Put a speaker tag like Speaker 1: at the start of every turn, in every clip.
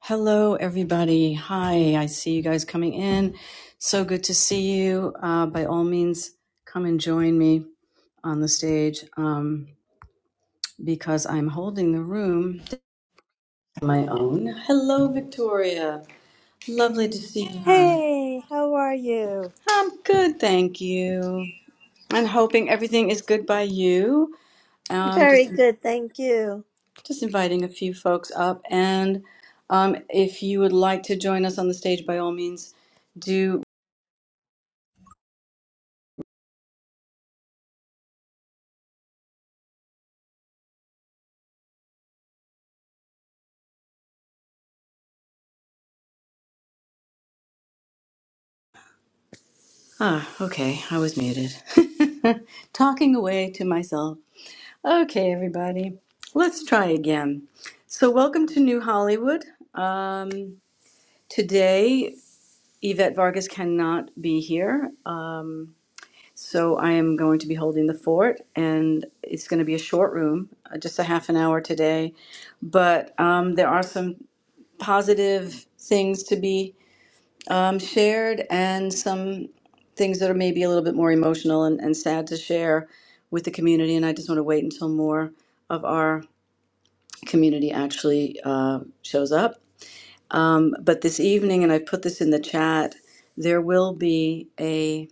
Speaker 1: Hello, everybody. Hi, I see you guys coming in. So good to see you. Uh, by all means, come and join me on the stage um, because I'm holding the room on my own. Hello, Victoria. Lovely to see you. hon.
Speaker 2: Hey, how are you?
Speaker 1: I'm good, thank you. I'm hoping everything is good by you. Um,
Speaker 2: Very
Speaker 1: just
Speaker 2: good, thank you.
Speaker 1: just inviting a few folks up, and um, if you would like to join us on the stage, by all means, do Ah, okay, I was muted. Talking away to myself. Okay, everybody, let's try again. So, welcome to New Hollywood. Um, today, Yvette Vargas cannot be here, um, so I am going to be holding the fort, and it's going to be a short room, uh, just a half an hour today. But um, there are some positive things to be um, shared and some things that are maybe a little bit more emotional and, and sad to share with the community. And I just want to wait until more of our community actually uh, shows up. But this evening, and I put this in the chat, there will be a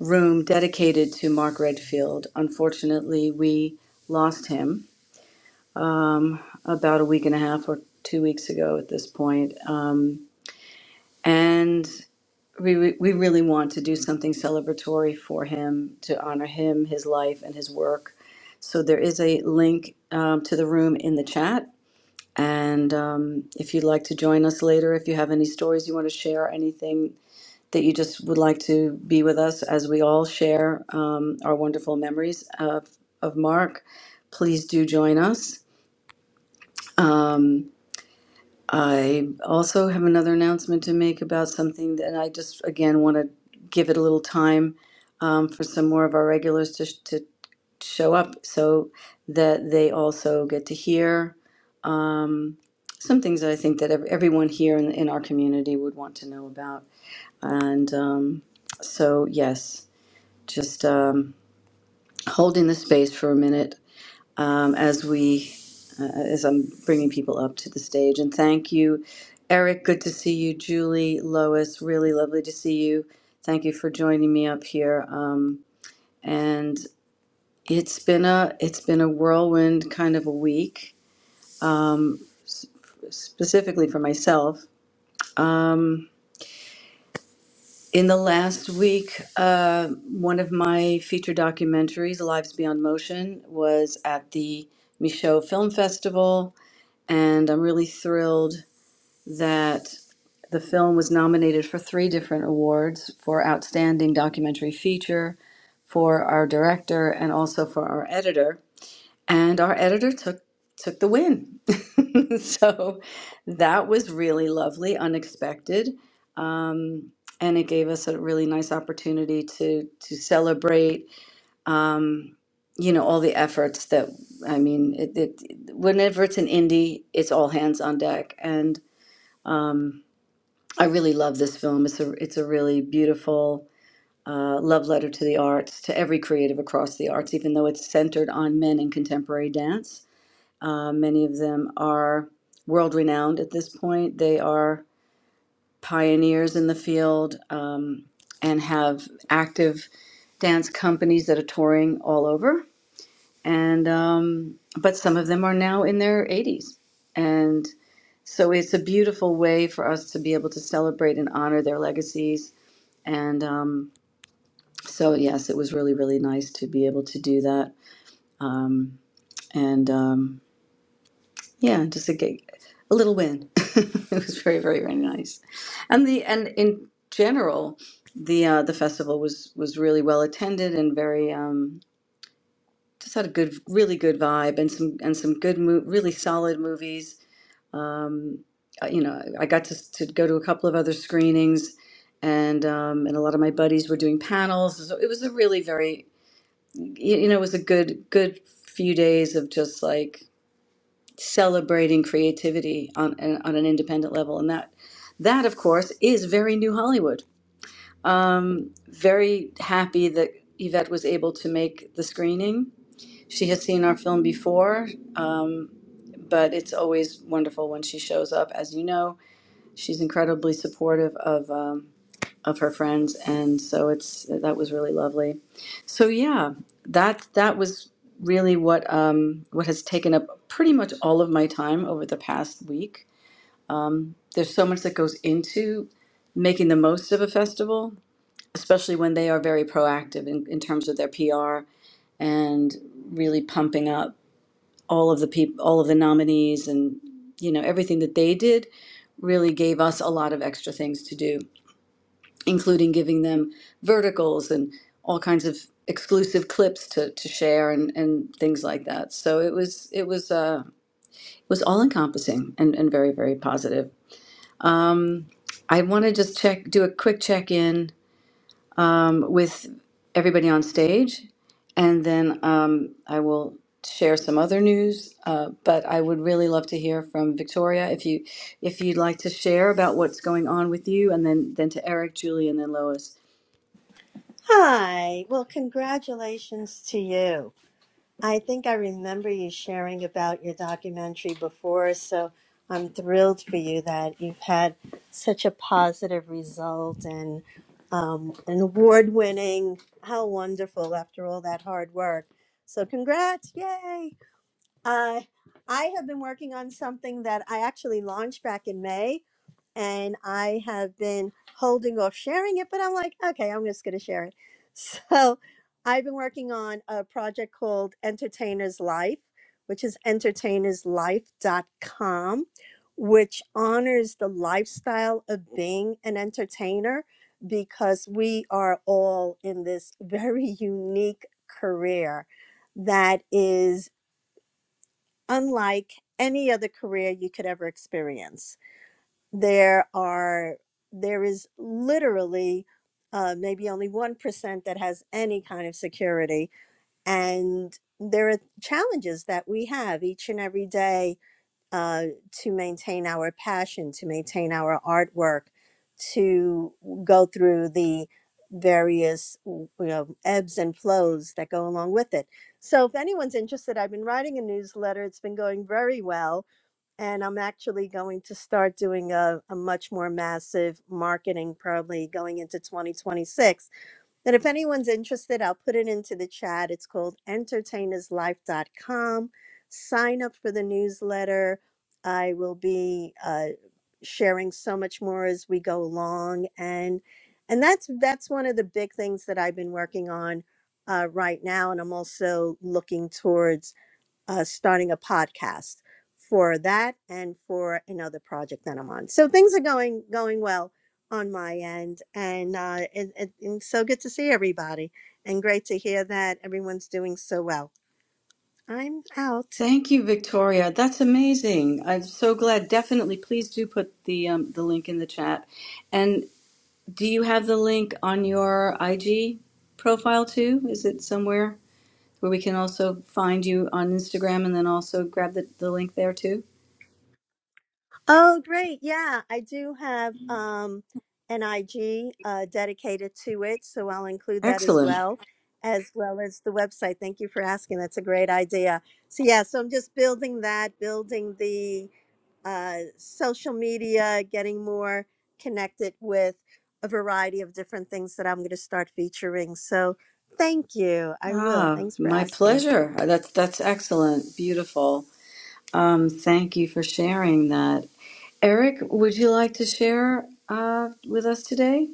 Speaker 1: room dedicated to Mark Redfield. Unfortunately, we lost him about a week and a half or two weeks ago at this point. Um, and we, we we really want to do something celebratory for him to honor him, his life, and his work. So there is a link um, to the room in the chat. And um, if you'd like to join us later, if you have any stories you want to share, anything that you just would like to be with us as we all share um, our wonderful memories of, of Mark, please do join us. Um, I also have another announcement to make about something, and I just again want to give it a little time um, for some more of our regulars to, to show up so that they also get to hear um, some things that I think that ev- everyone here in, in our community would want to know about. And um, so, yes, just um, holding the space for a minute um, as we uh, as I'm bringing people up to the stage. And thank you, Eric. Good to see you, Julie, Lois. Really lovely to see you. Thank you for joining me up here. Um, and it's been a it's been a whirlwind kind of a week, specifically for myself. In the last week, uh, one of my feature documentaries, Lives Beyond Motion, was at the Michaud Film Festival, and I'm really thrilled that the film was nominated for three different awards for Outstanding Documentary Feature, for our director, and also for our editor. And our editor took took the win. so that was really lovely, unexpected. Um, and it gave us a really nice opportunity to to celebrate um, you know all the efforts that I mean it, it whenever it's an indie, it's all hands on deck and um, I really love this film. It's a it's a really beautiful uh, love letter to the arts, to every creative across the arts. Even though it's centered on men in contemporary dance, uh, many of them are world renowned at this point. They are pioneers in the field um, and have active dance companies that are touring all over. And um, but some of them are now in their 80s, and so it's a beautiful way for us to be able to celebrate and honor their legacies and um, so, yes, it was really, really nice to be able to do that. Um, and um, yeah, just a, gig, a little win. it was very, very, very nice. And the and in general, the uh, the festival was was really well attended and very um, just had a good, really good vibe and some and some good, mo- really solid movies. Um, uh, you know, I got to, to go to a couple of other screenings and um, and a lot of my buddies were doing panels. So it was a really very you, you know, it was a good good few days of just like celebrating creativity on an, on an independent level, and that that of course is very new Hollywood. Um, very happy that Yvette was able to make the screening. She has seen our film before, um, but it's always wonderful when she shows up. As you know, she's incredibly supportive of. Um, of her friends and so it's that was really lovely so yeah that that was really what um what has taken up pretty much all of my time over the past week there's so much that goes into making the most of a festival especially when they are very proactive in, in terms of their pr and really pumping up all of the people all of the nominees and you know everything that they did really gave us a lot of extra things to do including giving them verticals and all kinds of exclusive clips to, to share and, and things like that. So it was it was uh, it was all encompassing and, and very very positive. Um, I want to just check do a quick check in um, with everybody on stage, and then um, I will share some other news. Uh, but I would really love to hear from Victoria if you if you'd like to share about what's going on with you, and then then to Eric, Julie, and then Lois
Speaker 2: Hi. Well, congratulations to you. I think I remember you sharing about your documentary before, so I'm thrilled for you that you've had such a positive result and um, an award winning. How wonderful after all that hard work. So, congrats. Yay. Uh, I have been working on something that I actually launched back in May and I have been holding off sharing it, but I'm like, okay, I'm just going to share it. So I've been working on a project called Entertainer's Life, which is entertainerslife.com, which honors the lifestyle of being an entertainer because we are all in this very unique career that is unlike any other career you could ever experience there are there is literally uh, maybe only one percent that has any kind of security, and there are challenges that we have each and every day uh, to maintain our passion, to maintain our artwork, to go through the various you know ebbs and flows that go along with it. So if anyone's interested, I've been writing a newsletter. It's been going very well and I'm actually going to start doing a, a much more massive marketing probably going into 2026. And if anyone's interested, I'll put it into the chat. It's called entertainerslife.com. Sign up for the newsletter. I will be uh, sharing so much more as we go along. And and that's that's one of the big things that I've been working on uh, right now. And I'm also looking towards uh, starting a podcast for that and for another project that I'm on. So things are going going well on my end, and uh, it, it, it's so good to see everybody, and great to hear that everyone's doing so well. I'm out.
Speaker 1: Thank you, Victoria. That's amazing. I'm so glad. Definitely, please do put the um, the link in the chat. And do you have the link on your IG profile too? Is it somewhere where we can also find you on Instagram and then also grab the, the link there too?
Speaker 2: Oh, great! Yeah, I do have um, an IG uh, dedicated to it, so I'll include that as
Speaker 1: Excellent.
Speaker 2: well. As well as the website. Thank you for asking. That's a great idea. So yeah, so I'm just building that, building the uh, social media, getting more connected with a variety of different things that I'm going to start featuring. So thank you. I will.
Speaker 1: Ah,
Speaker 2: Thanks for
Speaker 1: my
Speaker 2: asking.
Speaker 1: pleasure. That's that's excellent. Beautiful. Um, thank you for sharing that. Eric, would you like to share uh, with us today?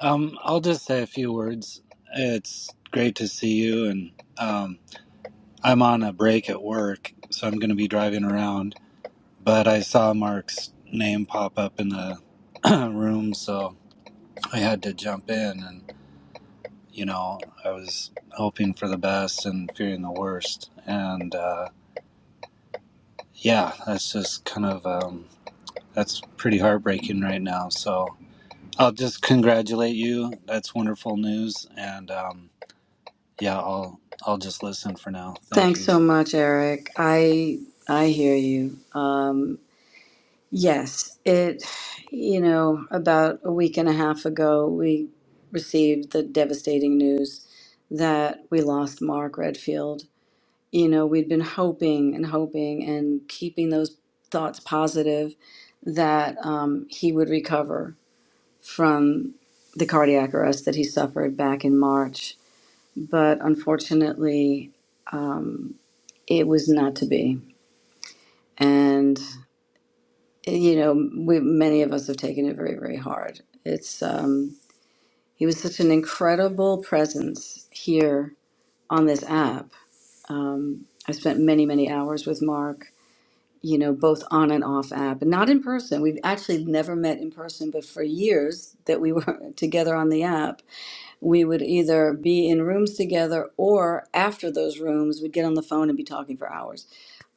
Speaker 3: Um, I'll just say a few words. It's great to see you, and um, I'm on a break at work, so I'm going to be driving around. But I saw Mark's name pop up in the room, so I had to jump in. And you know, I was hoping for the best and fearing the worst. And uh, yeah, that's just kind of um, that's pretty heartbreaking right now. So I'll just congratulate you. That's wonderful news, and um, Yeah, I'll I'll just listen for now. Thank
Speaker 1: Thanks
Speaker 3: you.
Speaker 1: so much, Eric. I I hear you. Um, yes, it. You know, about a week and a half ago, we received the devastating news that we lost Mark Redfield. You know, we'd been hoping and hoping and keeping those thoughts positive that um, he would recover from the cardiac arrest that he suffered back in March. But unfortunately, um, it was not to be and you know we many of us have taken it very very hard it's um he was such an incredible presence here on this app um i spent many many hours with mark you know both on and off app and not in person we've actually never met in person but for years that we were together on the app we would either be in rooms together or after those rooms we'd get on the phone and be talking for hours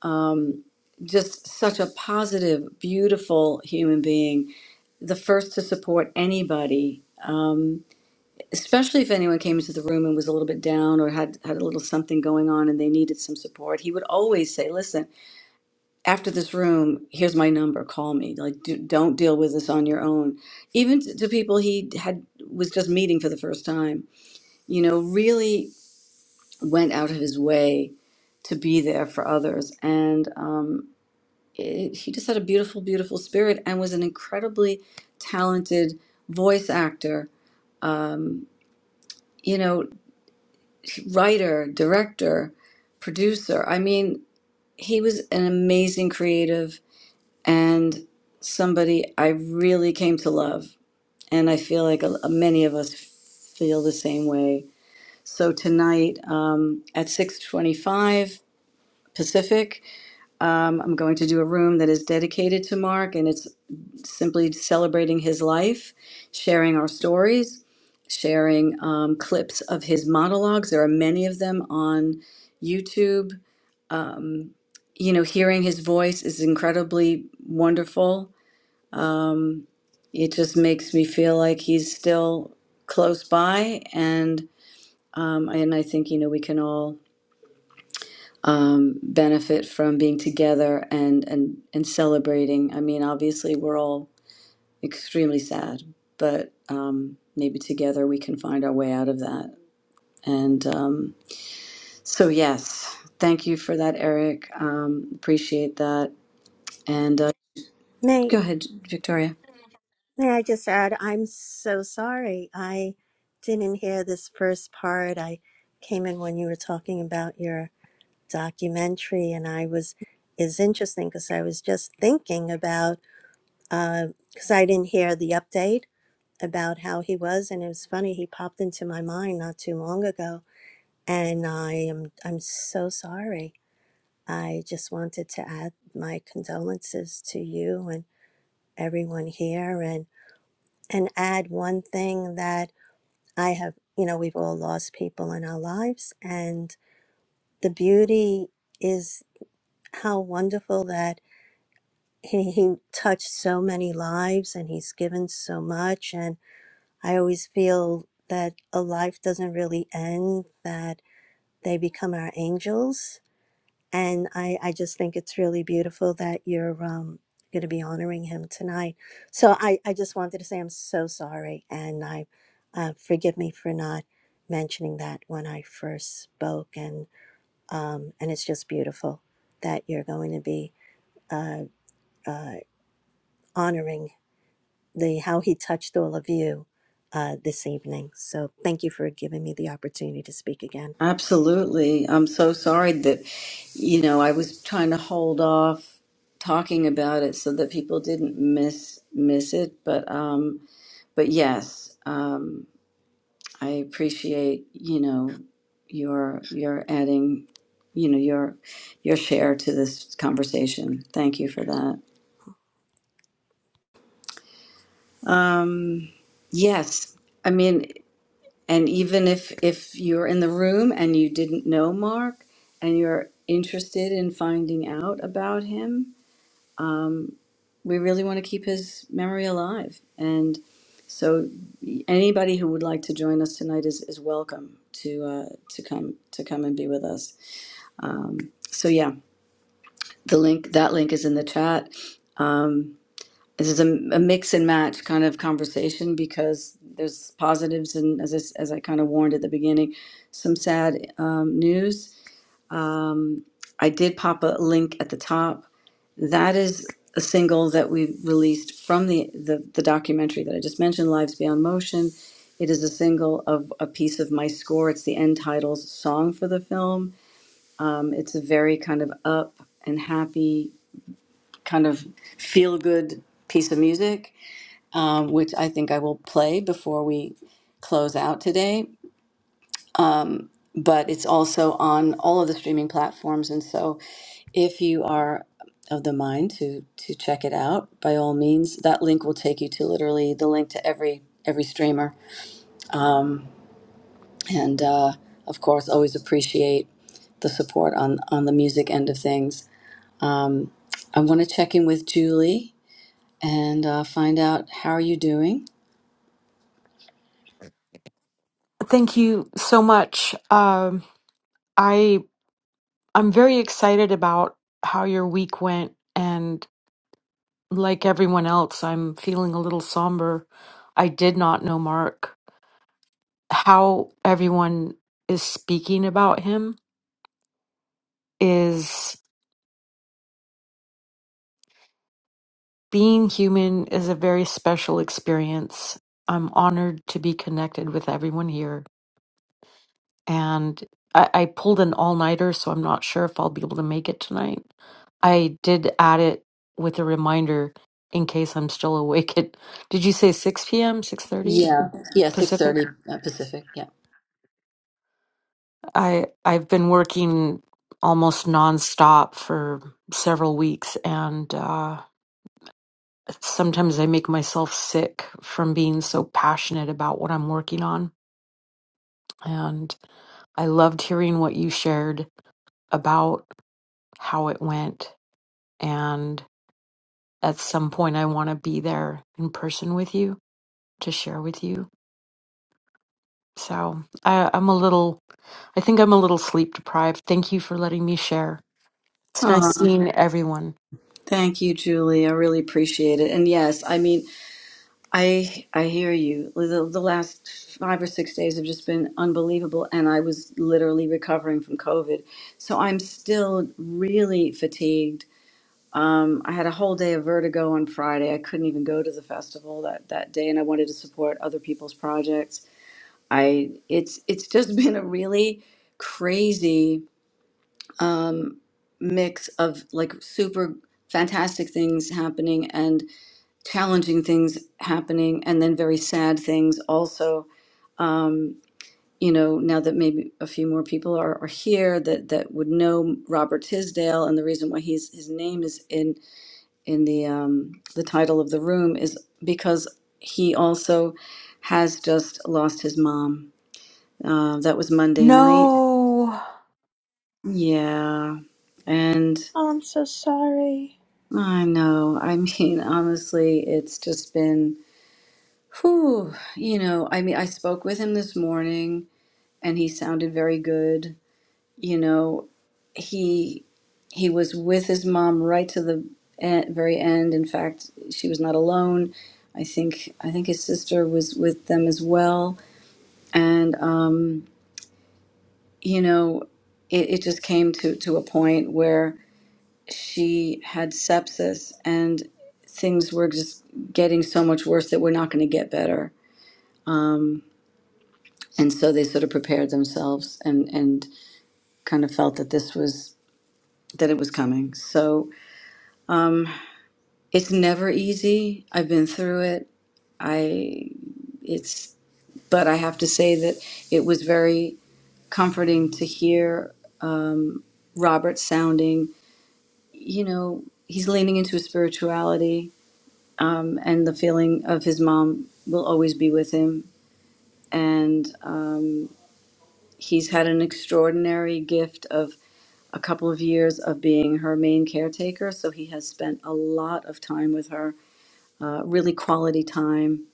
Speaker 1: um, just such a positive, beautiful human being, the first to support anybody, um, especially if anyone came into the room and was a little bit down or had, had a little something going on and they needed some support. He would always say, Listen, after this room, here's my number, call me. Like, do, don't deal with this on your own. Even to, to people he had was just meeting for the first time, you know, really went out of his way to be there for others. And, um, it- he just had a beautiful, beautiful spirit and was an incredibly talented voice actor, you know, writer, director, producer. I mean, he was an amazing creative and somebody I really came to love. And I feel like a, many of us feel the same way. So tonight um, at 6:25 Pacific, um, I'm going to do a room that is dedicated to Mark, and it's simply celebrating his life, sharing our stories, sharing um, clips of his monologues. There are many of them on YouTube. Um, you know, hearing his voice is incredibly wonderful. Um, it just makes me feel like he's still close by, and um, and I think you know we can all um, benefit from being together and and and celebrating. I mean, obviously, we're all extremely sad, but um, maybe together we can find our way out of that. And um, so, yes, thank you for that, Eric. Um, appreciate that. And uh,
Speaker 2: May
Speaker 1: go ahead, Victoria.
Speaker 2: May I just add? I'm so sorry. I didn't hear this first part. I came in when you were talking about your documentary, and I was is interesting because I was just thinking about because I didn't hear the update about how he was, and it was funny. He popped into my mind not too long ago, and I am I'm so sorry. I just wanted to add my condolences to you and everyone here, and and add one thing that I have. You know, we've all lost people in our lives, and the beauty is how wonderful that he, he touched so many lives and he's given so much and I always feel that a life doesn't really end, that they become our angels. And I, I just think it's really beautiful that you're um, going to be honoring him tonight. So I, I just wanted to say I'm so sorry. And I uh, forgive me for not mentioning that when I first spoke. And, um, and it's just beautiful that you're going to be uh, uh, honoring the how he touched all of you uh, this evening. So thank you for giving me the opportunity to speak again.
Speaker 1: Absolutely. I'm so sorry that, you know, I was trying to hold off talking about it so that people didn't miss miss it. But um, but yes. Um, I appreciate, you know, your your adding, you know, your your share to this conversation. Thank you for that. Um, yes, I mean, and even if if you're in the room and you didn't know Mark and you're interested in finding out about him, we really want to keep his memory alive. And so, anybody who would like to join us tonight is is welcome to uh, to come to come and be with us. Um, so yeah, the link that link is in the chat. Um, this is a, a mix and match kind of conversation because there's positives and as I, s- as I kind of warned at the beginning, some sad um, news. Um, I did pop a link at the top. That is a single that we released from the, the the documentary that I just mentioned, Lives Beyond Motion. It is a single of a piece of my score. It's the end titles song for the film. Um, it's a very kind of up and happy kind of feel good piece of music, um, which I think I will play before we close out today. But it's also on all of the streaming platforms, and so if you are of the mind to to check it out, by all means, that link will take you to literally the link to every every streamer, and uh, of course, always appreciate the support on on the music end of things. I want to check in with Julie and uh, find out how are you doing
Speaker 4: Thank you so much. Um, I I'm very excited about how your week went, and like everyone else, I'm feeling a little somber. I did not know Mark. How everyone is speaking about him is being human is a very special experience. I'm honored to be connected with everyone here and I, I pulled an all nighter, so I'm not sure if I'll be able to make it tonight. I did add it with a reminder in case I'm still awake. At, did you say 6 p.m., 6:30
Speaker 1: Yeah, yeah, six
Speaker 4: Pacific?
Speaker 1: thirty Pacific. Yeah.
Speaker 4: I I've been working almost nonstop for several weeks, and uh, sometimes I make myself sick from being so passionate about what I'm working on. And I loved hearing what you shared about how it went, and at some point I want to be there in person with you to share with you. So I, I'm a little, I think I'm a little sleep deprived. Thank you for letting me share. It's nice
Speaker 1: Oh,
Speaker 4: seeing everyone.
Speaker 1: thank you, Julie. I really appreciate it. And yes, I mean, I I hear you. The, the last five or six days have just been unbelievable, and I was literally recovering from COVID, so I'm still really fatigued. Um, I had a whole day of vertigo on Friday. I couldn't even go to the festival that that day, and I wanted to support other people's projects. I it's it's just been a really crazy mix of like super fantastic things happening and challenging things happening and then very sad things also you know now that maybe a few more people are, are here that that would know robert tisdale and the reason why he's his name is in in the um the title of the room is because he also has just lost his mom uh, that was monday night
Speaker 4: No.
Speaker 1: yeah and.
Speaker 2: Oh, I'm so sorry.
Speaker 1: I know. I mean, honestly, it's just been, whew, you know, I mean, I spoke with him this morning and he sounded very good. You know, he he was with his mom right to the e- very end. In fact, she was not alone. I think I think his sister was with them as well. And um, you know, it, it just came to to a point where. she had sepsis and things were just getting so much worse that we're not going to get better and so they sort of prepared themselves and and kind of felt that this was that it was coming so it's never easy i've been through it i it's but i have to say that it was very comforting to hear robert sounding you know he's leaning into his spirituality um, and the feeling of his mom will always be with him and he's had an extraordinary gift of a couple of years of being her main caretaker. So he has spent a lot of time with her, uh, really quality time.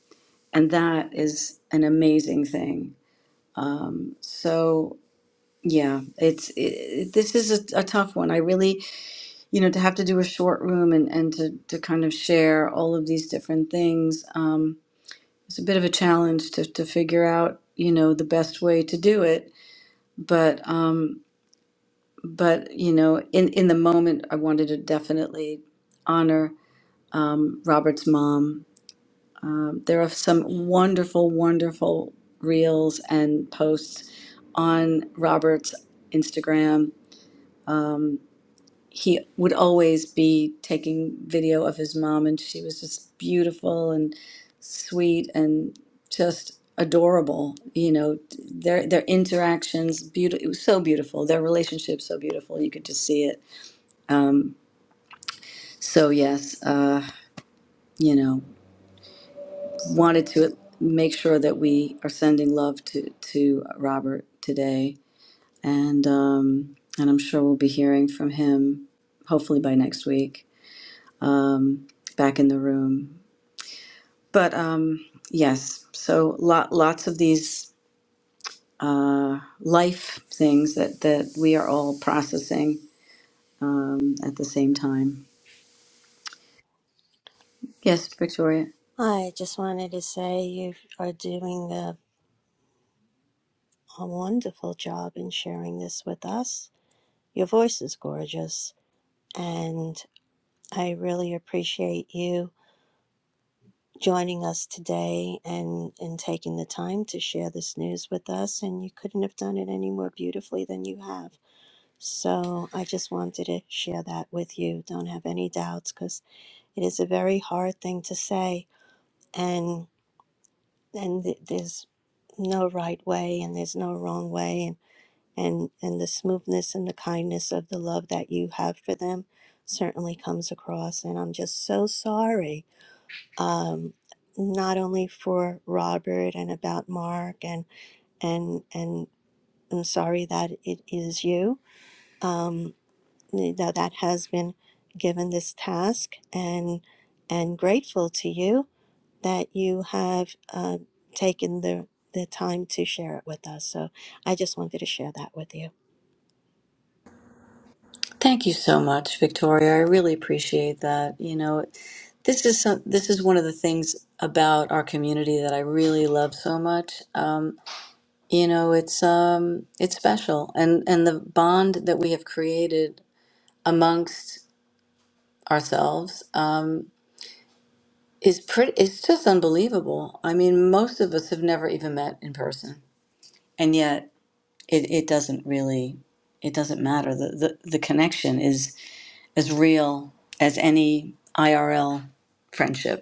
Speaker 1: And that is an amazing thing. So, yeah, it's it, this is a, a tough one. I really, you know, to have to do a short room and, and to, to kind of share all of these different things, um, it's a bit of a challenge to, to figure out, you know, the best way to do it. But um, but you know in in the moment i wanted to definitely honor um, robert's mom um, there are some wonderful wonderful reels and posts on robert's instagram um, he would always be taking video of his mom and she was just beautiful and sweet and just adorable you know their their interactions beautiful it was so beautiful their relationship so beautiful you could just see it So, yes, uh, you know, wanted to make sure that we are sending love to, to Robert today. And, um, and I'm sure we'll be hearing from him hopefully by next week um, back in the room. But um, yes, so lot, lots of these uh, life things that, that we are all processing um, at the same time. Yes, Victoria.
Speaker 2: I just wanted to say you are doing a, a wonderful job in sharing this with us. Your voice is gorgeous, and I really appreciate you joining us today and, and taking the time to share this news with us. And you couldn't have done it any more beautifully than you have. So I just wanted to share that with you. Don't have any doubts because it is a very hard thing to say, and and th- there's no right way and there's no wrong way, and and and the smoothness and the kindness of the love that you have for them certainly comes across. And I'm just so sorry, not only for Robert and about Mark, and and and I'm sorry that it is you you know, that has been given this task and and grateful to you that you have uh, taken the the time to share it with us. So I just wanted to share that with you.
Speaker 1: Thank you so much, Victoria. I really appreciate that. You know, This is some, this is one of the things about our community that I really love so much. Um, you know, it's um, it's special, and and the bond that we have created amongst ourselves um, is pretty. It's just unbelievable. I mean, most of us have never even met in person, and yet it, it doesn't really it doesn't matter. The, the the connection is as real as any IRL friendship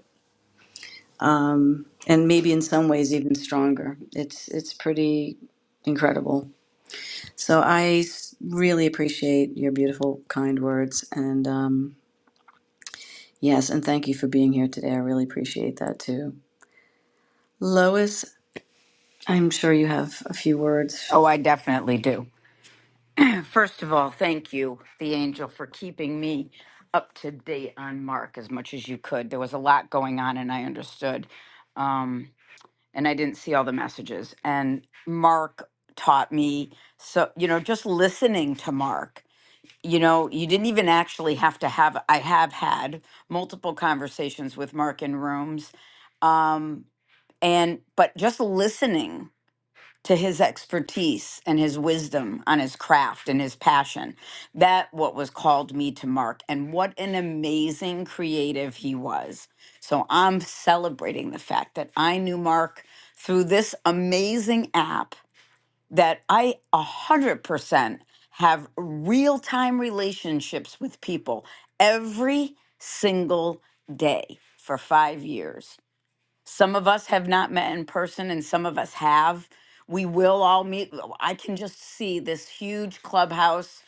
Speaker 1: um, and maybe in some ways even stronger. It's it's pretty incredible. So I s- really appreciate your beautiful, kind words, and um, yes, and thank you for being here today. I really appreciate that too, Lois. I'm sure you have a few words.
Speaker 5: Oh, I definitely do. First of all, thank you, the angel, for keeping me up to date on Mark as much as you could. There was a lot going on, and I understood. Um, and I didn't see all the messages. And Mark taught me, so, you know, just listening to Mark, you know, you didn't even actually have to have, I have had multiple conversations with Mark in rooms. Um, and, but just listening to his expertise and his wisdom on his craft and his passion. That what was called me to mark and what an amazing creative he was. So I'm celebrating the fact that I knew Mark through this amazing app that I 100% have real-time relationships with people every single day for 5 years some of us have not met in person, and some of us have. We will all meet. I can just see this huge clubhouse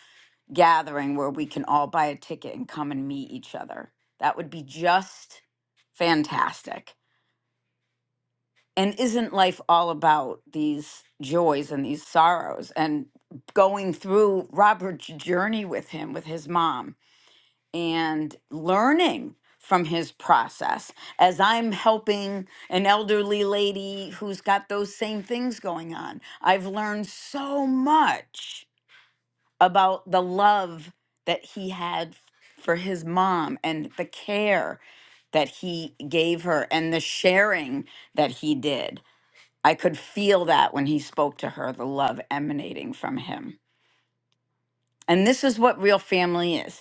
Speaker 5: gathering where we can all buy a ticket and come and meet each other. That would be just fantastic. And isn't life all about these joys and these sorrows and going through Robert's journey with him, with his mom? and learning from his process as I'm helping an elderly lady who's got those same things going on. I've learned so much about the love that he had for his mom and the care that he gave her and the sharing that he did. I could feel that when he spoke to her, the love emanating from him. And this is what real family is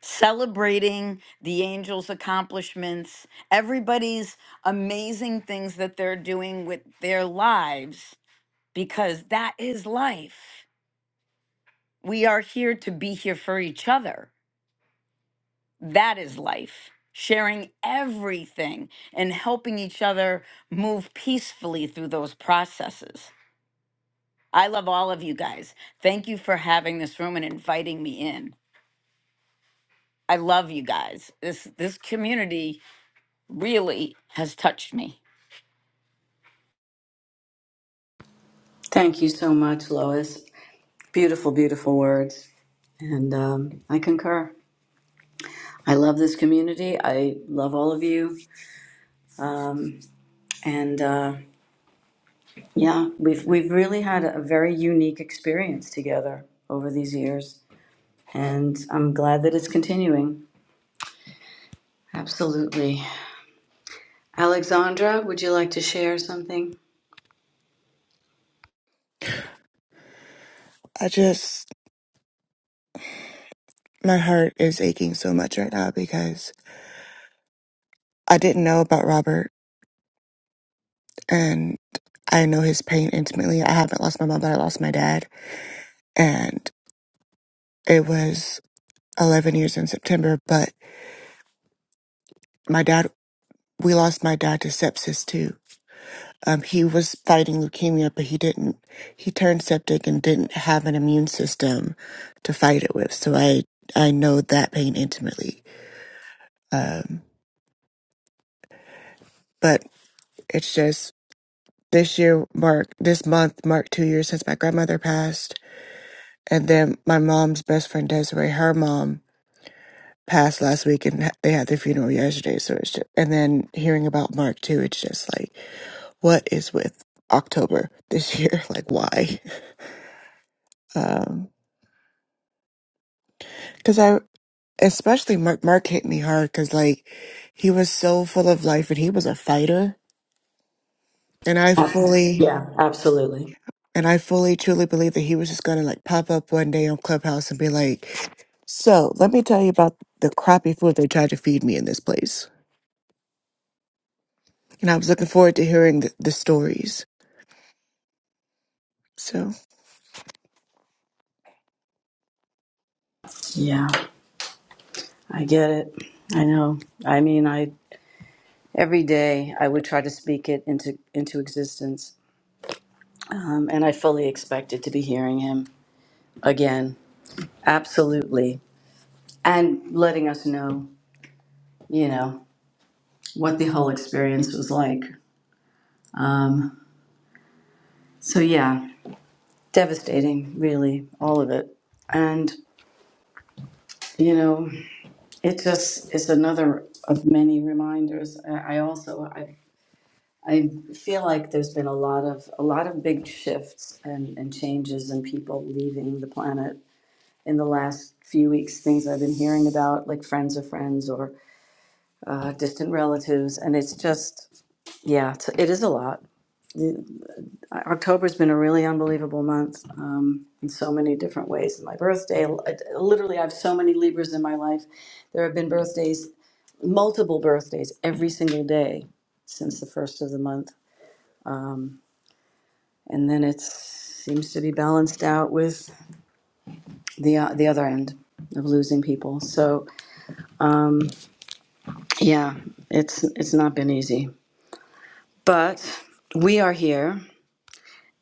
Speaker 5: celebrating the angels' accomplishments, everybody's amazing things that they're doing with their lives, because that is life. We are here to be here for each other. That is life. Sharing everything and helping each other move peacefully through those processes. I love all of you guys. Thank you for having this room and inviting me in. I love you guys. This this community really has touched me.
Speaker 1: Thank you so much, Lois. Beautiful, beautiful words, and um, I concur. I love this community. I love all of you, um, and. Uh, Yeah, we've we've really had a very unique experience together over these years, and I'm glad that it's continuing. Absolutely. Alexandra, would you like to share something?
Speaker 6: I just, my heart is aching so much right now because I didn't know about Robert and I know his pain intimately. I haven't lost my mom, but I lost my dad. And it was 11 years in September, but my dad, we lost my dad to sepsis too. Um, he was fighting leukemia, but he didn't, he turned septic and didn't have an immune system to fight it with. So I, I know that pain intimately. Um, but it's just This year marked, this month marked two years since my grandmother passed. And then my mom's best friend Desiree, her mom passed last week and ha- they had their funeral yesterday. So it's just, and then hearing about Mark too, it's just like, what is with October this year? Like, why? Um, cause I, especially Mark, Mark hit me hard because like he was so full of life and he was a fighter. And I
Speaker 1: Abs-
Speaker 6: fully,
Speaker 1: Yeah, absolutely.
Speaker 6: And I fully, truly believe that he was just gonna like pop up one day on Clubhouse and be like, So let me tell you about the crappy food they tried to feed me in this place. And I was looking forward to hearing the, the stories. So
Speaker 1: Yeah, I get it. I know. I mean, I every day I would try to speak it into into existence, um, and I fully expected to be hearing him again. Absolutely, and letting us know, you know, what the whole experience was like. Um, so yeah, devastating, really, all of it. And you know, it just is another of many reminders. I I also I I feel like there's been a lot of a lot of big shifts and, and changes and people leaving the planet in the last few weeks. Things I've been hearing about, like friends of friends or uh, distant relatives, and it's just yeah, it's, it is a lot. Uh, October's been a really unbelievable month um, in so many different ways. My birthday, literally, I have so many Libras in my life. There have been birthdays, multiple birthdays, every single day since the first of the month, and then it seems to be balanced out with the uh, the other end of losing people. So yeah, it's it's not been easy, but we are here,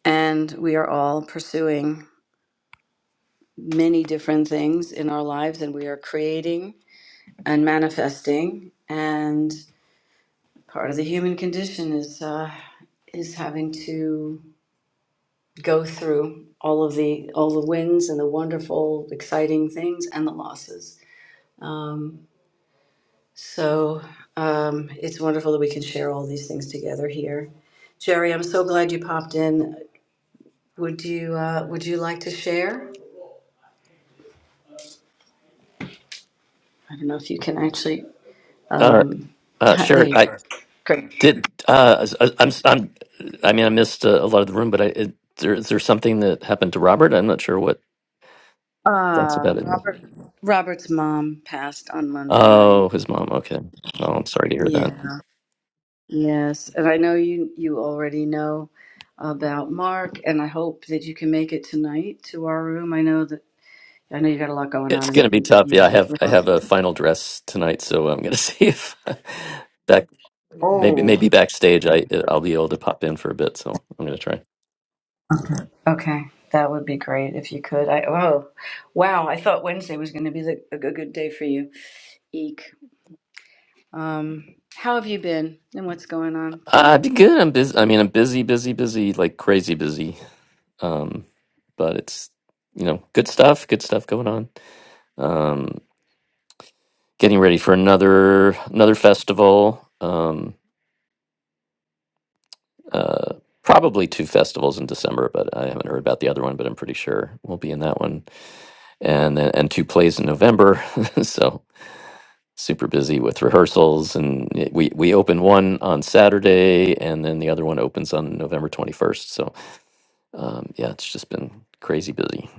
Speaker 1: and we are all pursuing many different things in our lives, and we are creating. and manifesting and part of the human condition is uh, is having to go through all of the all the wins and the wonderful exciting things and the losses so um, it's wonderful that we can share all these things together here jerry i'm so glad you popped in would you uh, would you like to share i don't know if you can actually
Speaker 7: Uh,
Speaker 1: um,
Speaker 7: uh,
Speaker 1: ha- there
Speaker 7: sure.
Speaker 1: you
Speaker 7: I
Speaker 1: go great
Speaker 7: did. Uh, I, I'm. I'm. I mean, I missed uh, a lot of the room, but I, it, there, is there something that happened to Robert? I'm not sure what that's
Speaker 1: uh,
Speaker 7: about. In there.
Speaker 1: robert robert's mom passed on monday
Speaker 7: Oh,
Speaker 1: night
Speaker 7: his mom. Okay. Oh, I'm sorry to hear that.
Speaker 1: yeah Yes, and I know you you already know about Mark, and I hope that you can make it tonight to our room. I know that I know you got a lot going on,
Speaker 7: It's
Speaker 1: and,
Speaker 7: gonna be
Speaker 1: and
Speaker 7: tough.
Speaker 1: you
Speaker 7: Yeah,
Speaker 1: know
Speaker 7: I
Speaker 1: with
Speaker 7: have. I have
Speaker 1: rehearsal.
Speaker 7: a final dress tonight, so I'm gonna see if back. Maybe
Speaker 1: Oh,
Speaker 7: maybe backstage, I I'll be able to pop in for a bit. So I'm gonna try.
Speaker 1: okay, that would be great if you could. I oh, wow, I thought Wednesday was going to be the, a good good day for you. Eek. Um, how have you been, and what's going on for
Speaker 7: Uh, I'd be
Speaker 1: you?
Speaker 7: good. I'm busy. I mean, I'm busy, busy, busy, like crazy busy. Um, but it's you know, good stuff. Good stuff going on. um, getting ready for another another festival. Um, uh, probably two festivals in December, but I haven't heard about the other one. But I'm pretty sure we'll be in that one, and then- and two plays in November. so super busy with rehearsals, and y- we we open one on Saturday, and then the other one opens on November 21st. So um, yeah, it's just been crazy busy.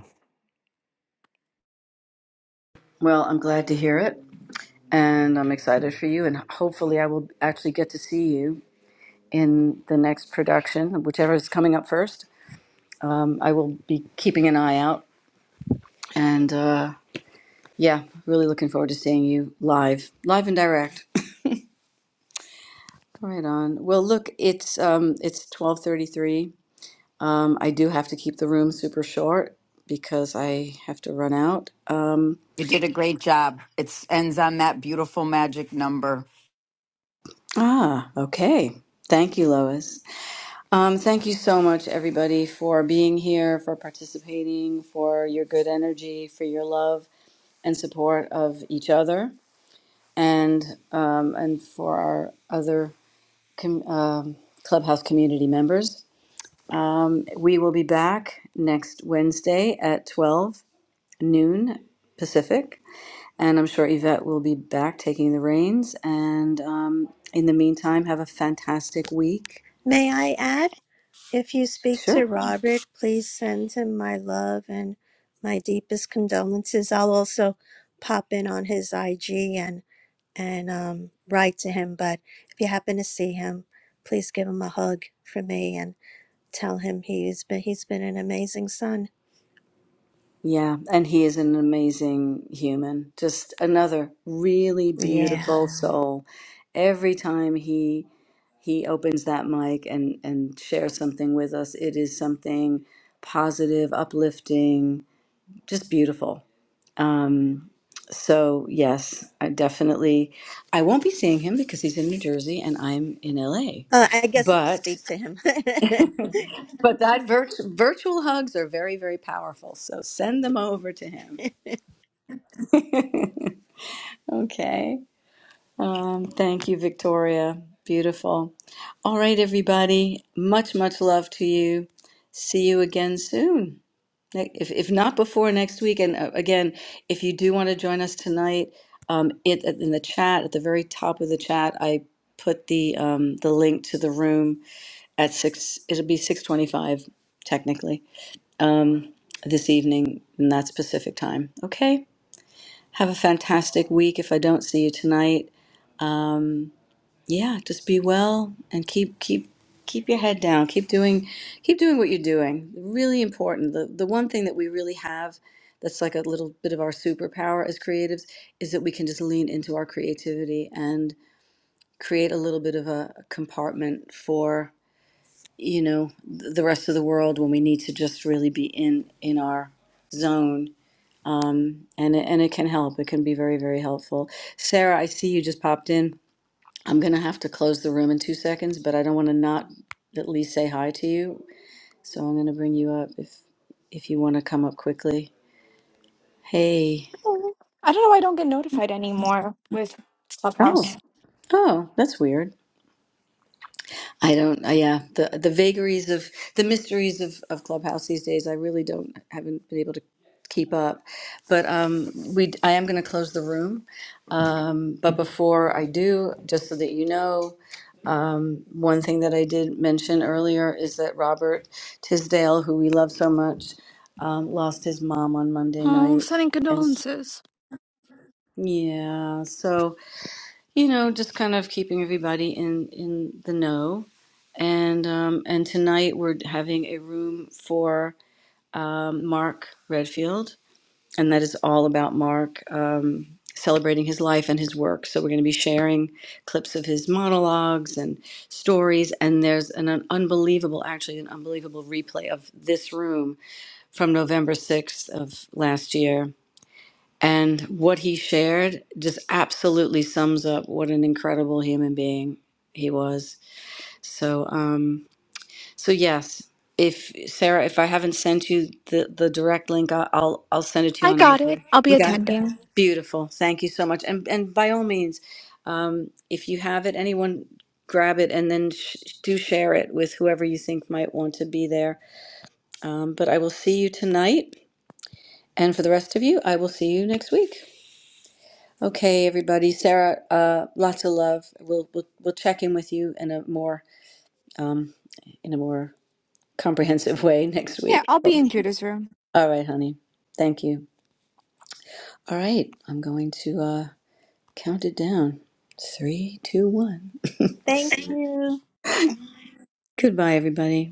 Speaker 1: Well, I'm glad to hear it, and I'm excited for you, and hopefully I will actually get to see you in the next production, whichever is coming up first. I will be keeping an eye out. And uh, yeah, really looking forward to seeing you live, live and direct. Right on. Well, look, it's um, it's twelve thirty three. Um, I do have to keep the room super short because I have to run out. Um,
Speaker 5: You did a great job. It ends on that beautiful magic number.
Speaker 1: ah, okay. Thank you, Lois. Um, thank you so much, everybody, for being here, for participating, for your good energy, for your love and support of each other, and um, and for our other com- um, Clubhouse community members. Um, we will be back next Wednesday at 12 noon Pacific. And I'm sure Yvette will be back taking the reins. And um, in the meantime, have a fantastic week.
Speaker 2: May I add, if you speak to
Speaker 1: Sure.
Speaker 2: Robert, please send him my love and my deepest condolences. I'll also pop in on his IG and and um, write to him. But if you happen to see him, please give him a hug for me and. Tell him he's been he's been an amazing son.
Speaker 1: Yeah. And he is an amazing human, just another really
Speaker 2: Yeah.
Speaker 1: beautiful soul. Every time he he opens that mic and and shares something with us it is something positive uplifting just beautiful um so yes i definitely i won't be seeing him because he's in new jersey and i'm in la
Speaker 2: Uh, I guess
Speaker 1: but
Speaker 2: speak to him.
Speaker 1: but that virt- virtual hugs are very very powerful so send them over to him okay Um, thank you, Victoria. Beautiful. All right, everybody. Much, much love to you. See you again soon. Like, If, if not before next week, and uh, again, if you do want to join us tonight, um, it uh, in the chat at the very top of the chat, I put the um, the link to the room at six. It'll be six twenty-five technically this evening, and that's Pacific time. Okay. Have a fantastic week. If I don't see you tonight, yeah just be well and keep keep keep your head down keep doing keep doing what you're doing really important the the one thing that we really have that's like a little bit of our superpower as creatives is that we can just lean into our creativity and create a little bit of a compartment for you know th- the rest of the world when we need to just really be in in our zone um, and it, and it can help it can be very very helpful sarah i see you just popped in I'm going to have to close the room in two seconds, but I don't want to not at least say hi to you. So I'm going to bring you up if if you want to come up quickly. Hey.
Speaker 8: Oh, I don't know why I don't get notified anymore with
Speaker 1: Oh.
Speaker 8: Clubhouse.
Speaker 1: Oh, that's weird. I don't. Uh, yeah, the the vagaries of the mysteries of of Clubhouse these days. I really don't haven't been able to keep up. But um, we I am going to close the room. Um, but before I do, just so that you know, um, one thing that I did mention earlier is that Robert Tisdale, who we love so much, um, lost his mom on Monday
Speaker 8: Oh,
Speaker 1: night,
Speaker 8: sending
Speaker 1: and s-
Speaker 8: condolences.
Speaker 1: yeah, so you know, just kind of keeping everybody in in the know. And um, and tonight we're having a room for um, Mark Redfield, and that is all about Mark um, celebrating his life and his work. So we're going to be sharing clips of his monologues and stories. And there's an, un- unbelievable, actually, an unbelievable replay of this room from November sixth of last year and what he shared just absolutely sums up what an incredible human being he was. So, um, so yes, if Sarah, if I haven't sent you the, the direct link, I- I'll I'll send it to you
Speaker 8: I
Speaker 1: on
Speaker 8: got it.
Speaker 1: IG.
Speaker 8: I'll be
Speaker 1: You got it.
Speaker 8: attending.
Speaker 1: Beautiful. Thank you so much. And and by all means, um, if you have it, anyone grab it and then sh- do share it with whoever you think might want to be there. Um, but I will see you tonight. And for the rest of you, I will see you next week. Okay, everybody. Sarah, uh, lots of love. We'll, we'll we'll check in with you in a more um, in a more comprehensive way next
Speaker 8: Yeah,
Speaker 1: week.
Speaker 8: I'll be in Judah's room.
Speaker 1: All right, honey. Thank you. All right, I'm going to uh, count it down. Three, two, one.
Speaker 2: Thank you.
Speaker 1: Goodbye, everybody.